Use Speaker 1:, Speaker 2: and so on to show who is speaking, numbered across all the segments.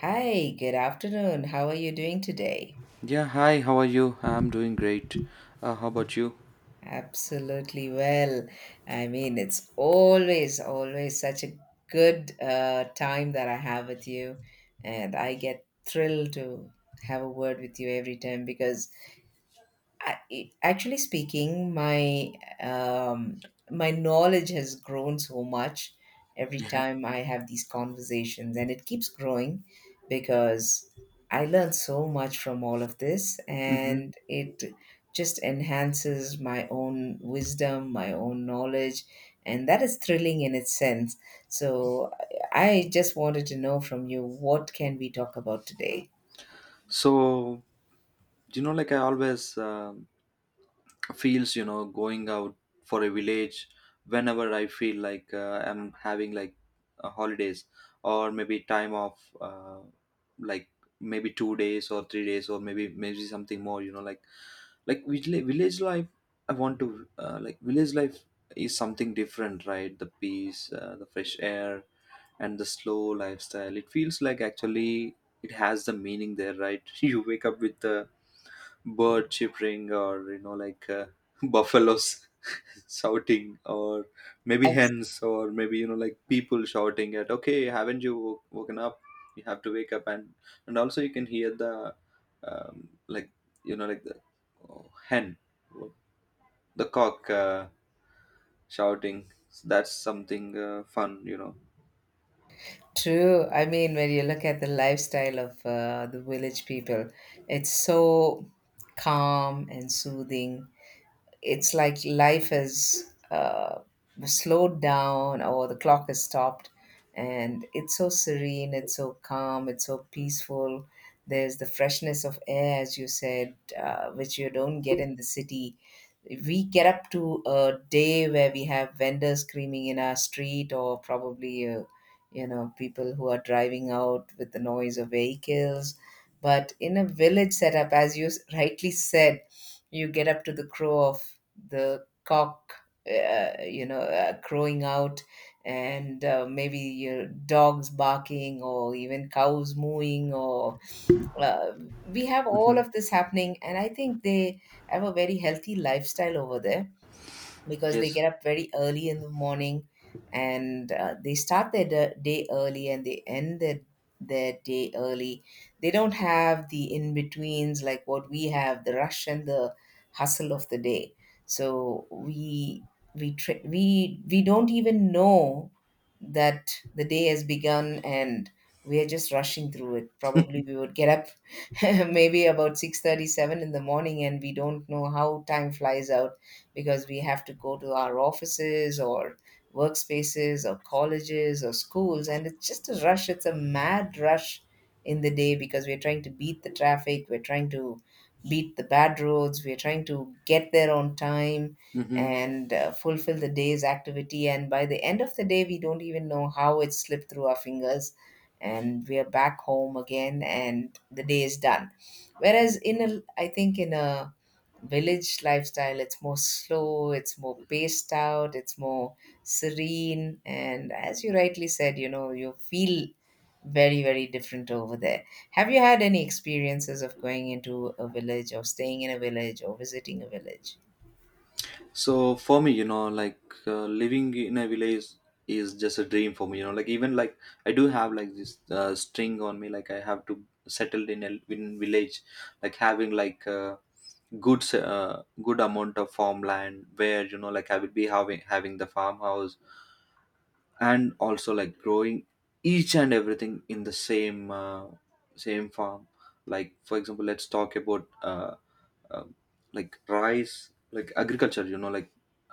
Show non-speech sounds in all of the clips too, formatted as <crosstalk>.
Speaker 1: Hi, good afternoon. How are you doing today?
Speaker 2: Yeah, hi, how are you? I'm doing great. How about you?
Speaker 1: Absolutely well. I mean, it's always, always such a good time that I have with you, and I get thrilled to have a word with you every time because I, actually speaking, my um, my knowledge has grown so much every
Speaker 2: Yeah.
Speaker 1: time I have these conversations, and it keeps growing because I learn so much from all of this,
Speaker 2: hmm
Speaker 1: and it just enhances my own wisdom, my own knowledge, and that is thrilling in its sense. So I just wanted to know from you, what can we talk about today?
Speaker 2: So, you know, like I always feels going out for a village whenever I feel like I'm having like holidays or maybe time off, like maybe 2 days or 3 days or maybe something more. You know, like like village life. I want to like village life is something different, right? The peace, the fresh air and the slow lifestyle. It feels like actually it has the meaning there, right? <laughs> You wake up with the bird chirping, or you know, like <laughs> buffaloes <laughs> shouting, or maybe hens, or maybe you know, like people shouting at, "Okay, haven't you woken up? You have to wake up!" And also you can hear the um, like you know, like the oh, hen, the cock shouting. So that's something fun, you know.
Speaker 1: True. I mean, when you look at the lifestyle of the village people, it's so calm and soothing. It's like life is slowed down, or the clock is stopped. And it's so serene, it's so calm, it's so peaceful. There's the freshness of air, as you said, which you don't get in the city. We get up to a day where we have vendors screaming in our street, or probably you know, people who are driving out with the noise of vehicles. But in a village setup, as you rightly said, you get up to the crow of the cock you know, crowing out, and maybe your dogs barking, or even cows mooing, or uh, we have all
Speaker 2: hmm
Speaker 1: of this happening. And I think they have a very healthy lifestyle over there, because they
Speaker 2: Yes.
Speaker 1: get up very early in the morning, and they start their day early, and they end their day early. They don't have the in-betweens like what we have, the rush and the hustle of the day. So we tra- we don't even know that the day has begun, and we are just rushing through it. Probably we would get up <laughs> maybe about 6:37 in the morning, and we don't know how time flies out, because we have to go to our offices or workspaces or colleges or schools, and it's just a rush, it's a mad rush in the day, because we're trying to beat the traffic, we're trying to beat the bad roads, we're trying to get there on time,
Speaker 2: Mm-hmm.
Speaker 1: and fulfill the day's activity, and by the end of the day, we don't even know how it slipped through our fingers, and we are back home again, and the day is done. Whereas in a, I think, in a village lifestyle, it's more slow, it's more paced out, it's more serene, and as you rightly said, you know, you feel very, very different over there. Have you had any experiences of going into a village, or staying in a village, or visiting a village?
Speaker 2: So for me, you know, like living in a village is just a dream for me. You know, like even like I do have like this string on me, like I have to settle in a in village, like having like a good amount of farmland where you know like I would be having the farmhouse, and also like growing each and everything in the same farm. Like for example, let's talk about. Um, like rice like agriculture you know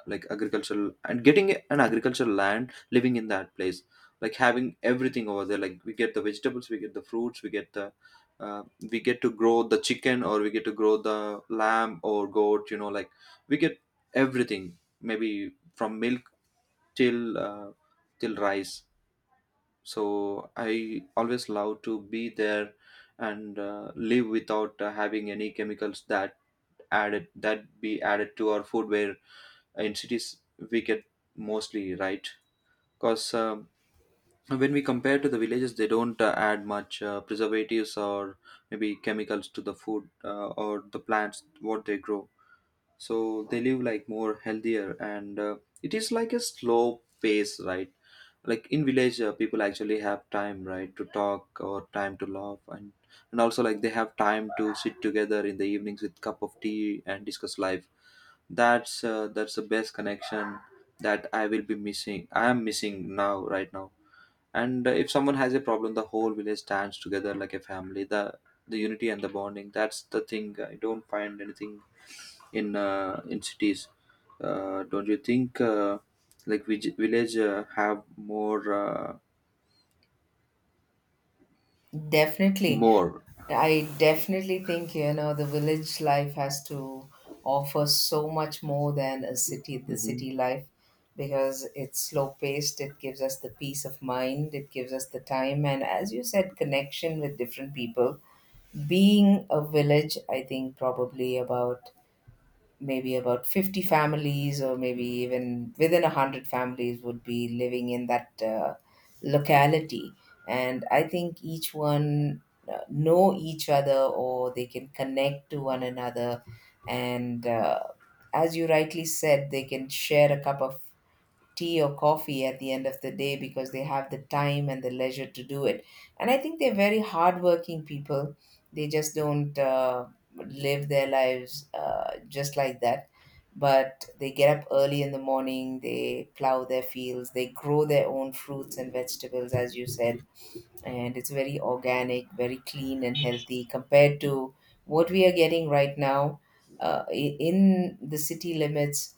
Speaker 2: like agricultural and getting an agricultural land living in that place, like having everything over there, like we get the vegetables, we get the fruits, we get the uh, we get to grow the chicken or we get to grow the lamb or goat, you know, like we get everything maybe from milk till till rice. So I always love to be there and live without having any chemicals that added that be added to our food, where in cities we get mostly, right? Because when we compare to the villages, they don't add much preservatives or maybe chemicals to the food or the plants what they grow. So they live like more healthier and it is like a slow pace, right? Like in village, people actually have time, right, to talk or time to laugh. And also like they have time to sit together in the evenings with cup of tea and discuss life. That's the best connection that I will be missing, I am missing now right now. And if someone has a problem, the whole village stands together like a family. The unity and the bonding, that's the thing, I don't find anything in cities. Don't you think like village have more
Speaker 1: Definitely.
Speaker 2: more?
Speaker 1: I definitely think, you know, the village life has to offer so much more than a city, the
Speaker 2: hmm
Speaker 1: city life, because it's slow paced. It gives us the peace of mind. It gives us the time. And as you said, connection with different people. Being a village, I think probably about maybe about 50 families, or maybe even within 100 families, would be living in that locality. And I think each one know each other, or they can connect to one another, and as you rightly said, they can share a cup of tea or coffee at the end of the day, because they have the time and the leisure to do it. And I think they're very hardworking people. They just don't live their lives just like that. But they get up early in the morning, they plow their fields, they grow their own fruits and vegetables, as you said. And it's very organic, very clean and healthy compared to what we are getting right now, in the city limits.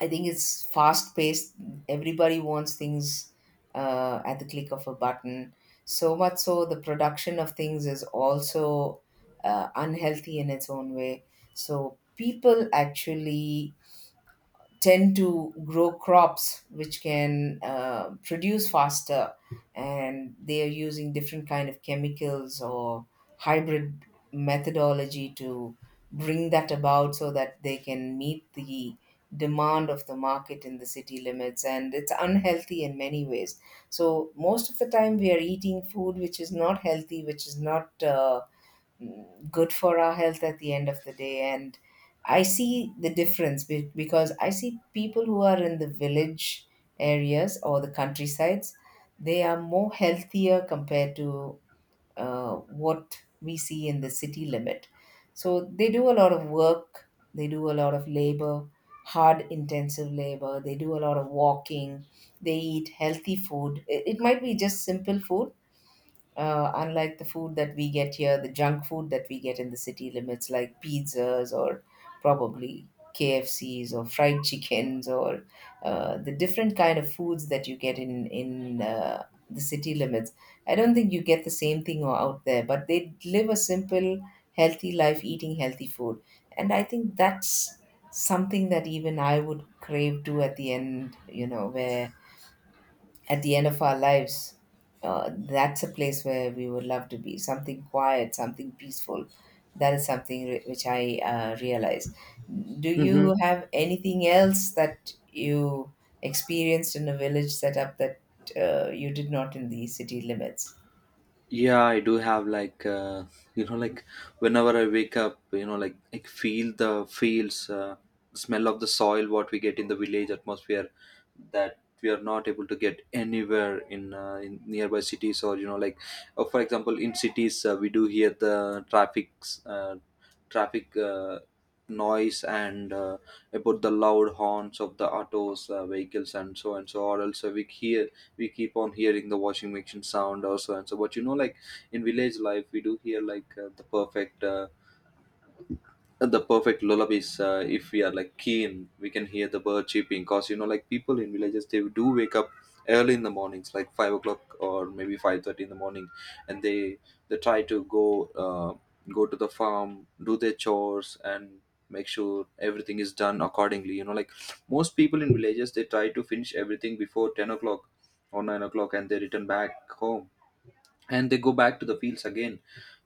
Speaker 1: I think it's fast paced. Everybody wants things at the click of a button. So much so, the production of things is also unhealthy in its own way. So people actually tend to grow crops which can produce faster, and they are using different kind of chemicals or hybrid methodology to bring that about, so that they can meet the demand of the market in the city limits, and it's unhealthy in many ways. So most of the time we are eating food which is not healthy, which is not good for our health at the end of the day. And I see the difference because I see people who are in the village areas or the countrysides, they are more healthier compared to what we see in the city limit. So they do a lot of work, they do a lot of labor, hard intensive labor, they do a lot of walking, they eat healthy food. It might be just simple food, unlike the food that we get here, the junk food that we get in the city limits, like pizzas, or probably KFCs, or fried <laughs> chickens, or the different kind of foods that you get in the city limits. I don't think you get the same thing out there, but they live a simple, healthy life eating healthy food, and I think that's something that even I would crave to at the end. You know, where at the end of our lives, that's a place where we would love to be. Something quiet, something peaceful. That is something which I realize. Do you have anything else that you experienced in a village setup that you did not in the city limits?
Speaker 2: Yeah, I do have like you know like whenever I wake up, you know like I feel the fields, smell of the soil, what we get in the village atmosphere, that we are not able to get anywhere in nearby cities. Or you know like for example, in cities we do hear the traffic noise and about the loud horns of the autos, vehicles and so and so. Or else we hear, we keep on hearing the washing machine sound or so and so. But you know like in village life we do hear like the perfect lullabies. If we are like keen, we can hear the bird chirping, because you know like people in villages, they do wake up early in the mornings, like 5 o'clock or maybe 5:30 in the morning. And they try to go go to the farm, do their chores, and make sure everything is done accordingly. You know like most people in villages, they try to finish everything before 10 o'clock or 9 o'clock and they return back home. And they go back to the fields again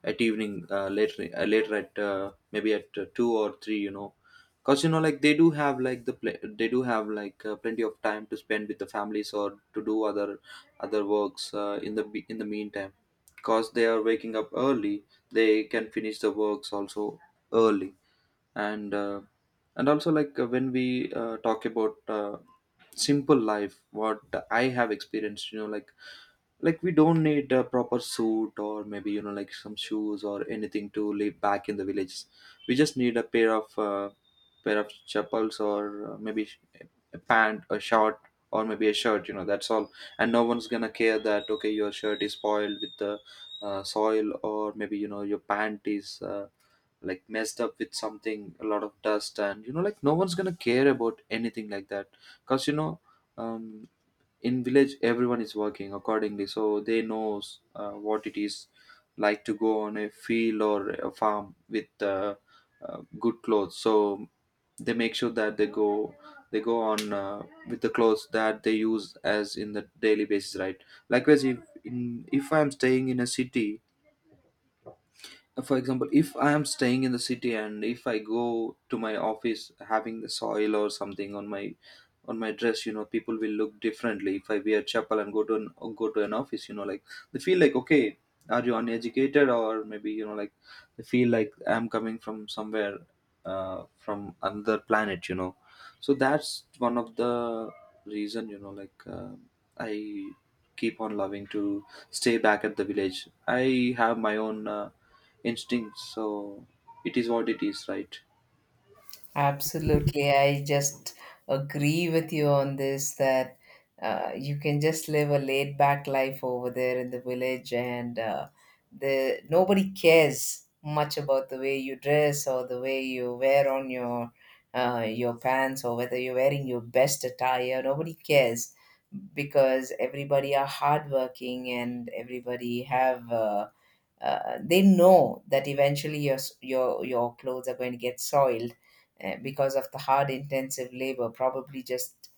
Speaker 2: at evening, later at maybe at 2 or 3, you know. Because you know like they do have like they do have like plenty of time to spend with the families or to do other works in the meantime. Because they are waking up early, they can finish the works also early. And and also like when we talk about simple life, what I have experienced, you know like we don't need a proper suit or maybe you know like some shoes or anything to live back in the villages. We just need a pair of chappals, or a pant, a short, or maybe a shirt, you know, that's all. And no one's gonna care that, okay, your shirt is spoiled with the soil, or maybe you know your pant is like messed up with something, a lot of dust, and you know like no one's gonna care about anything like that. Because you know, um, in village everyone is working accordingly, so they knows what it is like to go on a field or a farm with good clothes. So they make sure that they go, they go on with the clothes that they use as in the daily basis, right? Likewise, if in if I'm staying in a city, for example, if I am staying in the city and if I go to my office having the soil or something on my dress, you know, people will look differently. If I wear chapel and go to an or go to an office, you know like they feel like, okay, are you uneducated, or maybe you know like they feel like I'm coming from somewhere from another planet, you know. So that's one of the reason, you know like I keep on loving to stay back at the village. I have my own instincts, so it is what it is, right?
Speaker 1: Absolutely. I just agree with you on this, that you can just live a laid back life over there in the village, and the nobody cares much about the way you dress or the way you wear on your pants, or whether you're wearing your best attire. Nobody cares, because everybody are hardworking, and everybody have they know that eventually your your clothes are going to get soiled, eh, because of the hard intensive labor, probably just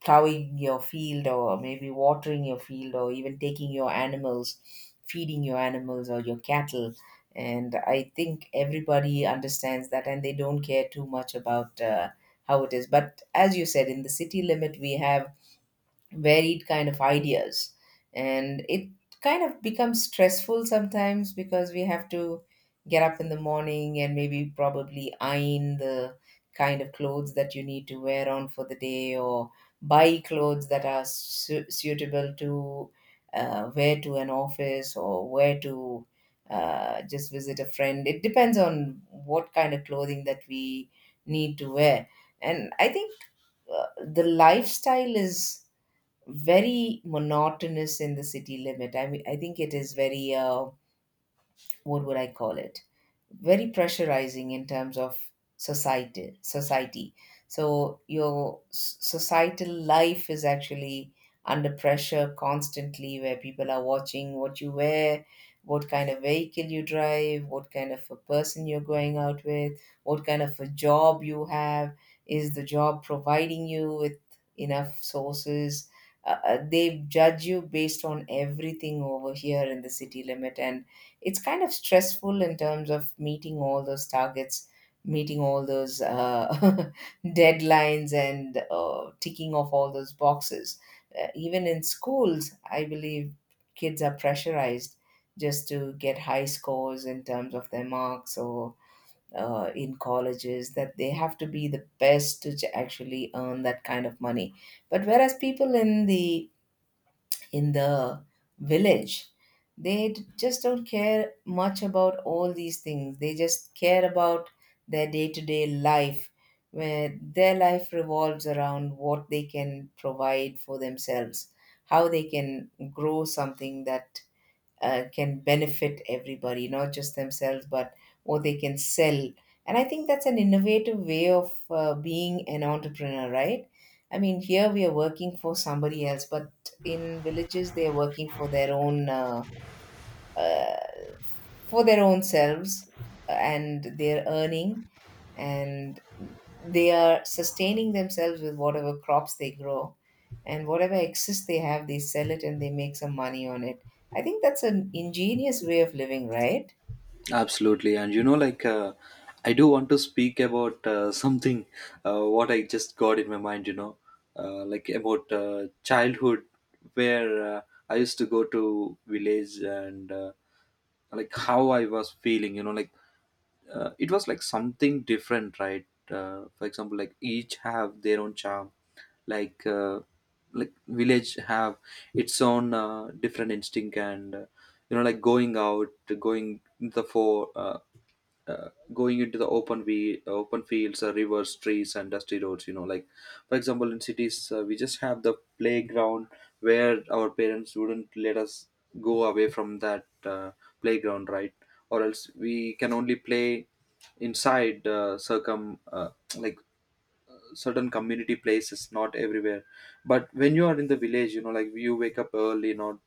Speaker 1: plowing your field, or maybe watering your field, or even taking your animals, feeding your animals or your cattle. And I think everybody understands that, and they don't care too much about how it is. But as you said, in the city limit, we have varied kind of ideas, and it kind of becomes stressful sometimes, because we have to get up in the morning and maybe probably iron the kind of clothes that you need to wear on for the day, or buy clothes that are suitable to wear to an office, or wear to just visit a friend. It depends on what kind of clothing that we need to wear. And I think uh, the lifestyle is very monotonous in the city limit. I mean, I think it is very, what would I call it? Very pressurizing in terms of society. So your societal life is actually under pressure constantly, where people are watching what you wear, what kind of vehicle you drive, what kind of a person you're going out with, what kind of a job you have, is the job providing you with enough sources. Uh, they judge you based on everything over here in the city limit, and it's kind of stressful in terms of meeting all those targets, meeting all those <laughs> deadlines, and ticking off all those boxes. Even in schools, I believe kids are pressurized just to get high scores in terms of their marks, or in colleges that they have to be the best to actually earn that kind of money. But whereas people in the village, they just don't care much about all these things, they just care about their day-to-day life, where their life revolves around what they can provide for themselves, how they can grow something that can benefit everybody, not just themselves, but what they can sell. And I think that's an innovative way of being an entrepreneur, right? I mean, here we are working for somebody else, but in villages, they are working for their own. Uh, for their own selves, and their earning, and they are sustaining themselves with whatever crops they grow, and whatever excess they have, they sell it and they make some money on it. I think that's an ingenious way of living, right?
Speaker 2: Absolutely, and you know, like I do want to speak about <laughs> something, what I just got in my mind. You know, like about childhood, where I used to go to village and like how I was feeling. You know, like it was like something different, right? For example, like each have their own charm. Like uh, like village have its own different instinct. And you know like going out, going the four uh, uh, going into the open, we open fields, rivers, trees, and dusty roads. You know like, for example, in cities we just have the playground, where our parents wouldn't let us go away from that playground, right? Or else we can only play inside circum like certain community places, not everywhere. But when you are in the village, you know like you wake up early, not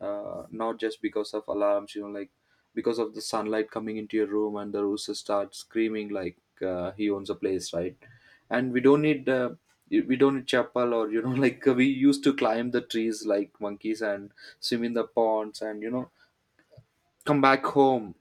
Speaker 2: not just because of alarms. You know like because of the sunlight coming into your room and the rooster starts screaming like he owns a place, right? And we don't need chapel. Or you know <laughs> like we used to climb the trees like monkeys and swim in the ponds, and you know, come back home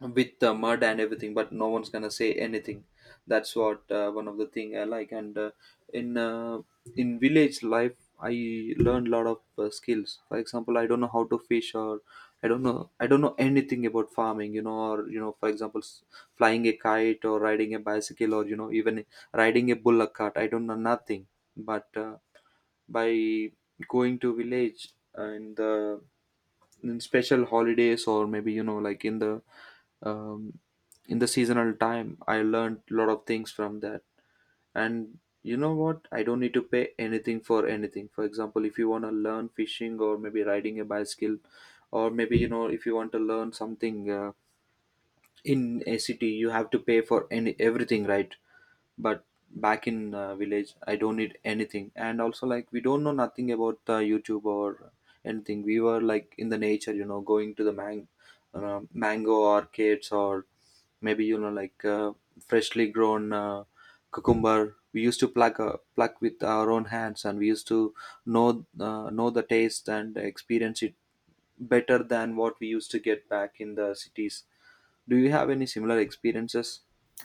Speaker 2: with the mud and everything, but no one's gonna say anything. That's what, one of the thing I like. And in uh, in village life, I learned a lot of skills. For example, I don't know how to fish, or I don't know, I don't know anything about farming, you know. Or you know, for example, flying a kite or riding a bicycle, or you know, even riding a bullock cart, I don't know nothing. But by going to village and the in special holidays, or maybe you know like um, in the seasonal time, I learned a lot of things from that. And you know what, I don't need to pay anything for anything. For example, if you want to learn fishing or maybe riding a bicycle, or maybe you know, if you want to learn something in a city, you have to pay for any everything, right? But back in village, I don't need anything. And also like, we don't know nothing about YouTube or anything. We were like in the nature, you know, going to the mango orchids, or maybe you know like freshly grown cucumber, we used to pluck with our own hands, and we used to know the taste and experience it better than what we used to get back in the cities. Do you have any similar experiences?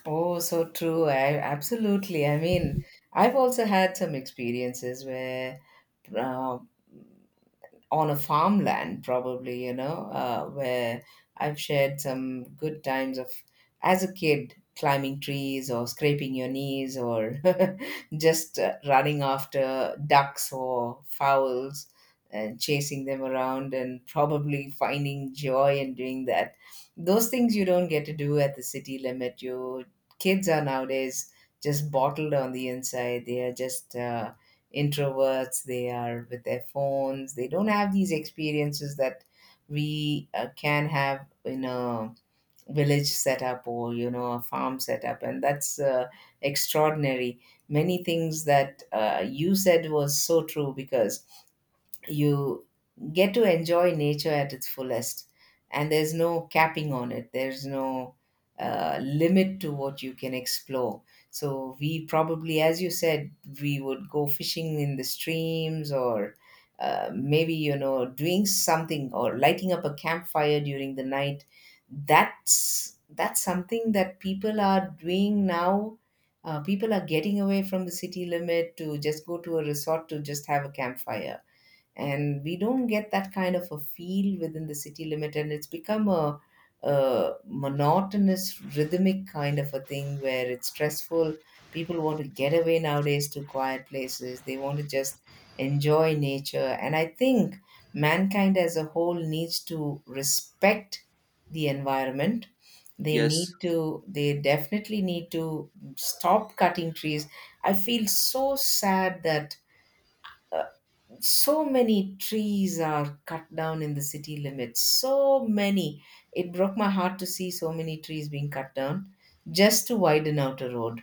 Speaker 1: Oh, so true. I absolutely. I mean, I've also had some experiences where uh, on a farmland, probably, you know, where I've shared some good times of as a kid climbing trees or scraping your knees, or <laughs> just running after ducks or fowls and chasing them around and probably finding joy in doing that. Those things you don't get to do at the city limit. Your kids are nowadays just bottled on the inside. They are just introverts, they are with their phones, they don't have these experiences that we can have in a village setup or, you know, a farm setup, and that's extraordinary. Many things that you said was so true because you get to enjoy nature at its fullest, and there's no capping on it, there's no limit to what you can explore. So we, probably as you said, we would go fishing in the streams or maybe, you know, doing something or lighting up a campfire during the night. That's something that people are doing now. People are getting away from the city limit to just go to a resort to just have a campfire, and we don't get that kind of a feel within the city limit, and it's become a monotonous, rhythmic kind of a thing where it's stressful. People want to get away nowadays to quiet places. They want to just enjoy nature, and I think mankind as a whole needs to respect the environment. they
Speaker 2: Yes.
Speaker 1: need to they definitely need to stop cutting trees. I feel so sad that uh, so many trees are cut down in the city limits, so many. It broke my heart to see so many trees being cut down just to widen out a road,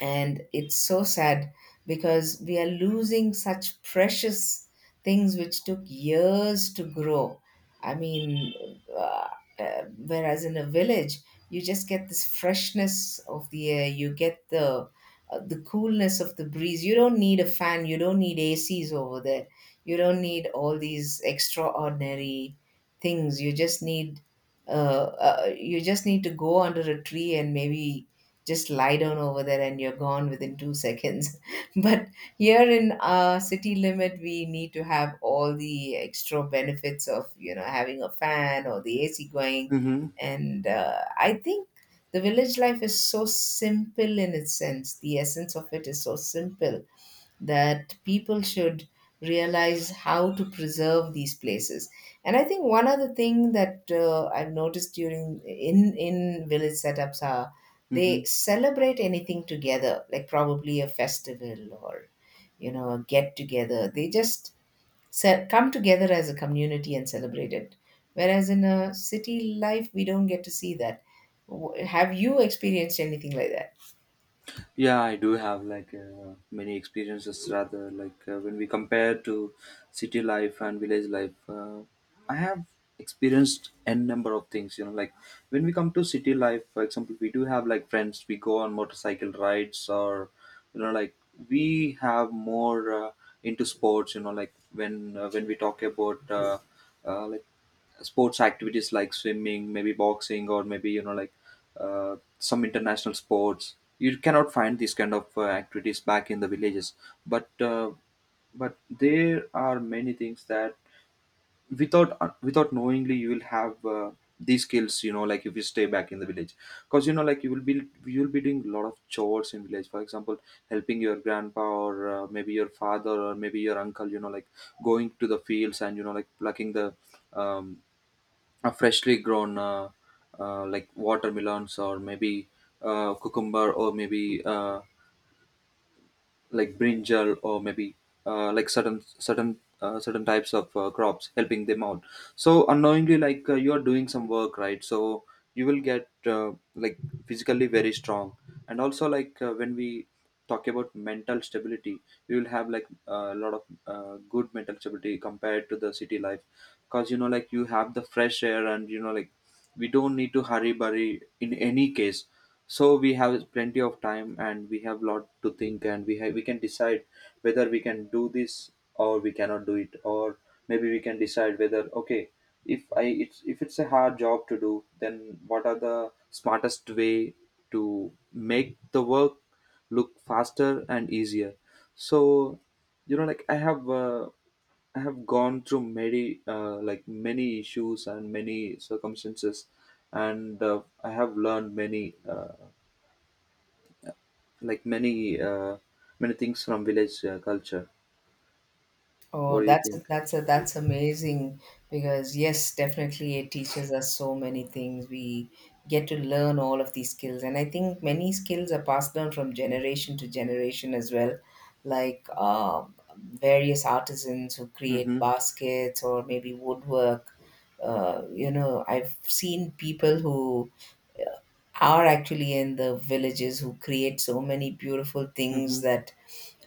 Speaker 1: and it's so sad, because we are losing such precious things which took years to grow. I mean, uh, whereas in a village, you just get this freshness of the air, you get the coolness of the breeze. You don't need a fan, you don't need acs over there. You don't need all these extraordinary things. You just need uh, you just need to go under a tree and maybe just lie down over there, and you're gone within 2 seconds. <laughs> But here in our city limit, we need to have all the extra benefits of, you know, having a fan or the AC going.
Speaker 2: Mm-hmm.
Speaker 1: And I think the village life is so simple in its sense. The essence of it is so simple that people should realize how to preserve these places. And I think one other thing that I've noticed during in village setups are
Speaker 2: Mm-hmm.
Speaker 1: they celebrate anything together, like probably a festival or, you know, a get together. They just come together as a community and celebrate it. Whereas in a city life, we don't get to see that. Have you experienced anything like that?
Speaker 2: Yeah, I do have like many experiences rather like when we compare to city life and village life. I have experienced n number of things. You know, like when we come to city life, for example, we do have like friends. We go on motorcycle rides or you know like we have more into sports. You know, like when we talk about like sports activities like swimming, maybe boxing, or maybe some international sports. You cannot find these kind of activities back in the villages, but uh, but there are many things that without knowingly you will have these skills. You know, like if you stay back in the village, because you know, like you will be doing a lot of chores in village. For example, helping your grandpa or maybe your father or maybe your uncle. You know, like going to the fields and plucking the um, freshly grown like watermelons or maybe cucumber or maybe like brinjal or maybe like certain types of crops, helping them out. So unknowingly, like you are doing some work, right? So you will get like physically very strong. And also, like when we talk about mental stability, you will have like a lot of good mental stability compared to the city life, because you know, like you have the fresh air. And you know, like we don't need to hurry burry in any case, so we have plenty of time and we have lot to think and we have we can decide whether we can do this or we cannot do it. Or maybe we can decide whether, okay, if I it's if it's a hard job to do, then what are the smartest way to make the work look faster and easier. So you know, like I have gone through many like many issues and many circumstances, and I have learned many. Like many many things from village culture.
Speaker 1: Oh,
Speaker 2: What do you
Speaker 1: that's
Speaker 2: think?
Speaker 1: that's that's amazing, because yes, definitely it teaches us so many things. We get to learn all of these skills, and I think many skills are passed down from generation to generation as well, like various artisans who create
Speaker 2: Mm-hmm.
Speaker 1: baskets or maybe woodwork. You know, I've seen people who are actually in the villages who create so many beautiful things
Speaker 2: Mm-hmm.
Speaker 1: that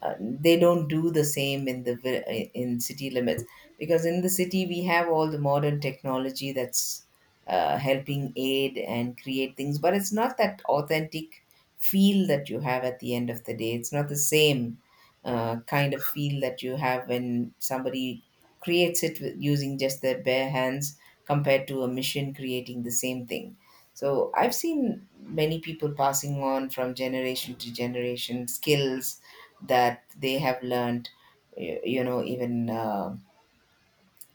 Speaker 1: they don't do the same in the in city limits, because in the city we have all the modern technology that's helping aid and create things, but it's not that authentic feel that you have. At the end of the day, it's not the same kind of feel that you have when somebody creates it with, using just their bare hands, compared to a machine creating the same thing. So I've seen many people passing on from generation to generation skills that they have learned, you know, even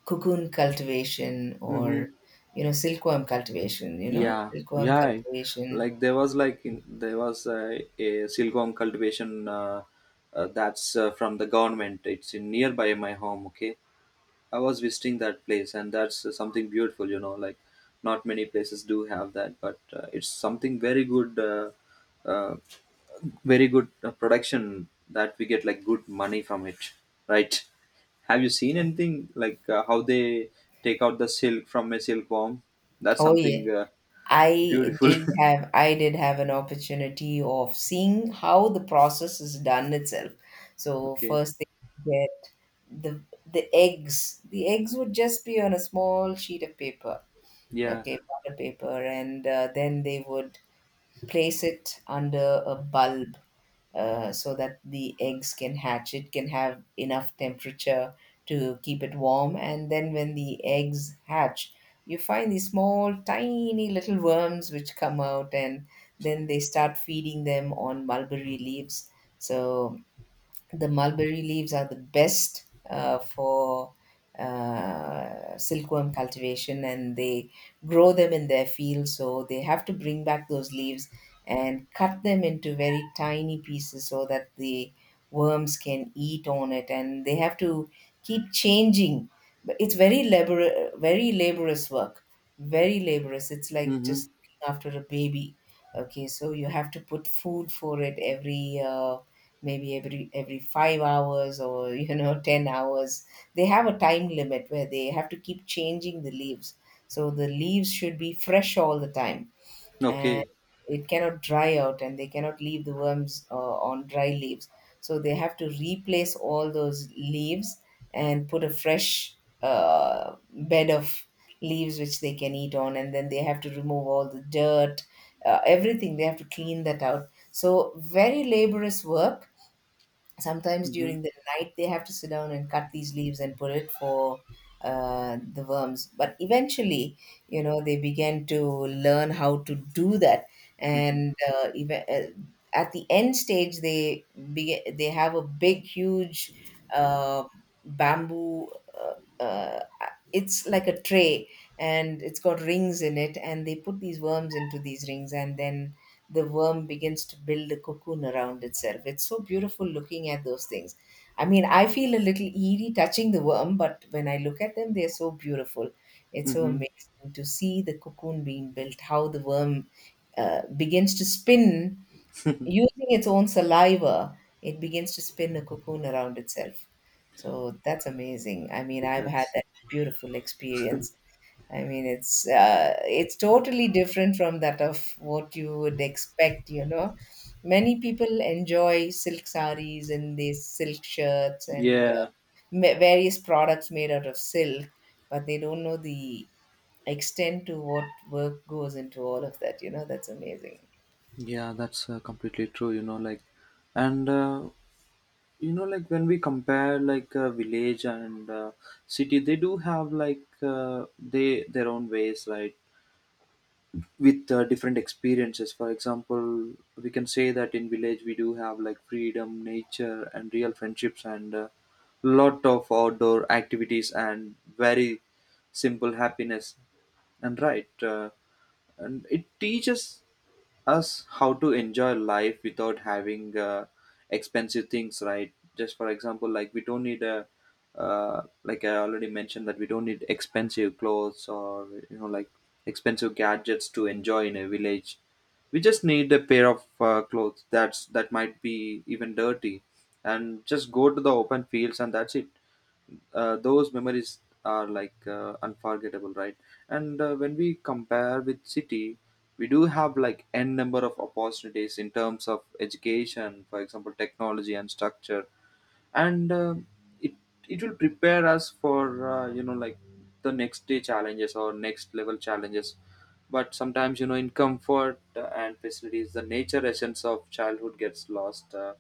Speaker 1: cocoon cultivation, or,
Speaker 2: Mm-hmm.
Speaker 1: you know, silkworm cultivation, you know,
Speaker 2: Yeah.
Speaker 1: silkworm
Speaker 2: Yeah.
Speaker 1: cultivation.
Speaker 2: Like there was like in, there was a silkworm cultivation that's from the government. It's in nearby my home. Okay. I was visiting that place, and that's something beautiful. You know, like not many places do have that, but it's something very good. Uh, Very good production that we get like good money from it, right? Have you seen anything like how they take out the silk from a silkworm? That's
Speaker 1: Oh
Speaker 2: something
Speaker 1: yeah. I
Speaker 2: beautiful.
Speaker 1: did have I did have an opportunity of seeing how the process is done itself.
Speaker 2: <laughs>
Speaker 1: So
Speaker 2: Okay.
Speaker 1: first they get the eggs. The eggs would just be on a small sheet of paper,
Speaker 2: Yeah.
Speaker 1: okay, butter paper, and then they would place it under a bulb so that the eggs can hatch. It can have enough temperature to keep it warm. And then when the eggs hatch, you find these small, tiny little worms which come out, and then they start feeding them on mulberry leaves. So the mulberry leaves are the best for silkworm cultivation, and they grow them in their field, so they have to bring back those leaves and cut them into very tiny pieces so that the worms can eat on it, and they have to keep changing. But it's very labor, very laborious work. Very laborious. It's like
Speaker 2: Mm-hmm.
Speaker 1: just looking after a baby. Okay, so you have to put food for it every maybe every 5 hours or <laughs> you know 10 hours. They have a time limit where they have to keep changing the leaves, so the leaves should be fresh all the time, and
Speaker 2: Okay.
Speaker 1: it cannot dry out, and they cannot leave the worms on dry leaves. So they have to replace all those leaves and put a fresh uh, bed of leaves which they can eat on, and then they have to remove all the dirt, everything, they have to clean that out. So very laborious work. Sometimes
Speaker 2: Mm-hmm.
Speaker 1: during the night they have to sit down and cut these leaves and put it for the worms. But eventually, you know, they began to learn how to do that.
Speaker 2: Mm-hmm.
Speaker 1: And even, at the end stage, they begin, they have a big huge uh, bamboo uh, uh, it's like a tray, and it's got rings in it, and they put these worms into these rings, and then the worm begins to build a cocoon around itself. It's so beautiful looking at those things. I mean, I feel a little eerie touching the worm, but when I look at them, they're so beautiful. It's so
Speaker 2: Mm-hmm.
Speaker 1: amazing to see the cocoon being built, how the worm begins to spin using its own saliva. It begins to spin a cocoon around itself. So that's amazing. I mean, I've had
Speaker 2: That's
Speaker 1: that beautiful experience. I mean, it's totally different from that of what you would expect. You know, many people enjoy silk saris and these silk shirts and
Speaker 2: yeah.
Speaker 1: various products made out of silk, but they don't know the extent to what work goes into all of that. You know, that's amazing.
Speaker 2: Yeah, that's completely true. You know, like and you know, like when we compare like village and city, they do have like they their own ways, right? With different experiences. For example, we can say that in village we do have like freedom, nature, and real friendships, and lot of outdoor activities and very simple happiness. And right. And it teaches us how to enjoy life without having expensive things, right? Just for example, like we don't need a like I already mentioned that we don't need expensive clothes, or you know, like expensive gadgets to enjoy in a village. We just need a pair of clothes, that's that might be even dirty, and just go to the open fields, and that's it. Those memories are like unforgettable, right? And when we compare with city, we do have like n number of opportunities in terms of education, for example, technology and structure. And it it will prepare us for you know, like the next day challenges or next level challenges. But sometimes, you know, in comfort and facilities, the nature essence of childhood gets lost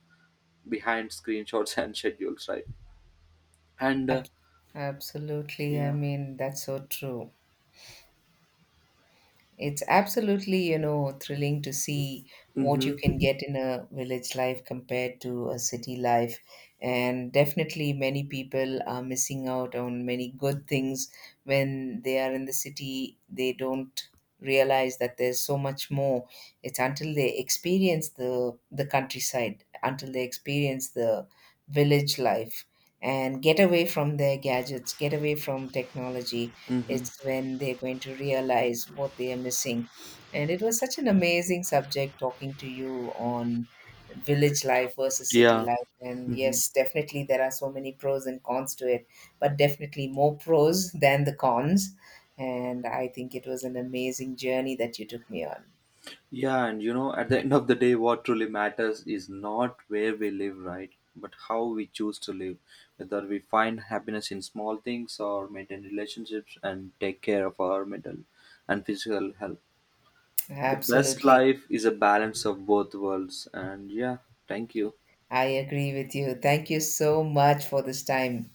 Speaker 2: behind screenshots <laughs> and schedules, right? And
Speaker 1: Absolutely. I
Speaker 2: yeah.
Speaker 1: mean, that's so true. It's absolutely, you know, thrilling to see what you can
Speaker 2: Mm-hmm.
Speaker 1: get in a village life compared to a city life. And definitely, many people are missing out on many good things when they are in the city. They don't realize that there's so much more. It's until they experience the countryside, until they experience the village life and get away from their gadgets, get away from technology,
Speaker 2: Mm-hmm.
Speaker 1: it's when they're going to realize what they are missing. And it was such an amazing subject talking to you on village life versus city
Speaker 2: Yeah.
Speaker 1: life. And
Speaker 2: Mm-hmm.
Speaker 1: yes, definitely there are so many pros and cons to it, but definitely more pros than the cons. And I think it was an amazing journey that you took me on.
Speaker 2: Yeah, and you know, at the end of the day, what truly matters is not where we live, right? But how we choose to live. Whether we find happiness in small things or maintain relationships and take care of our mental and physical health. The best
Speaker 1: Absolutely.
Speaker 2: life is a balance of both worlds. And yeah, thank you.
Speaker 1: I agree with you. Thank you so much for this time.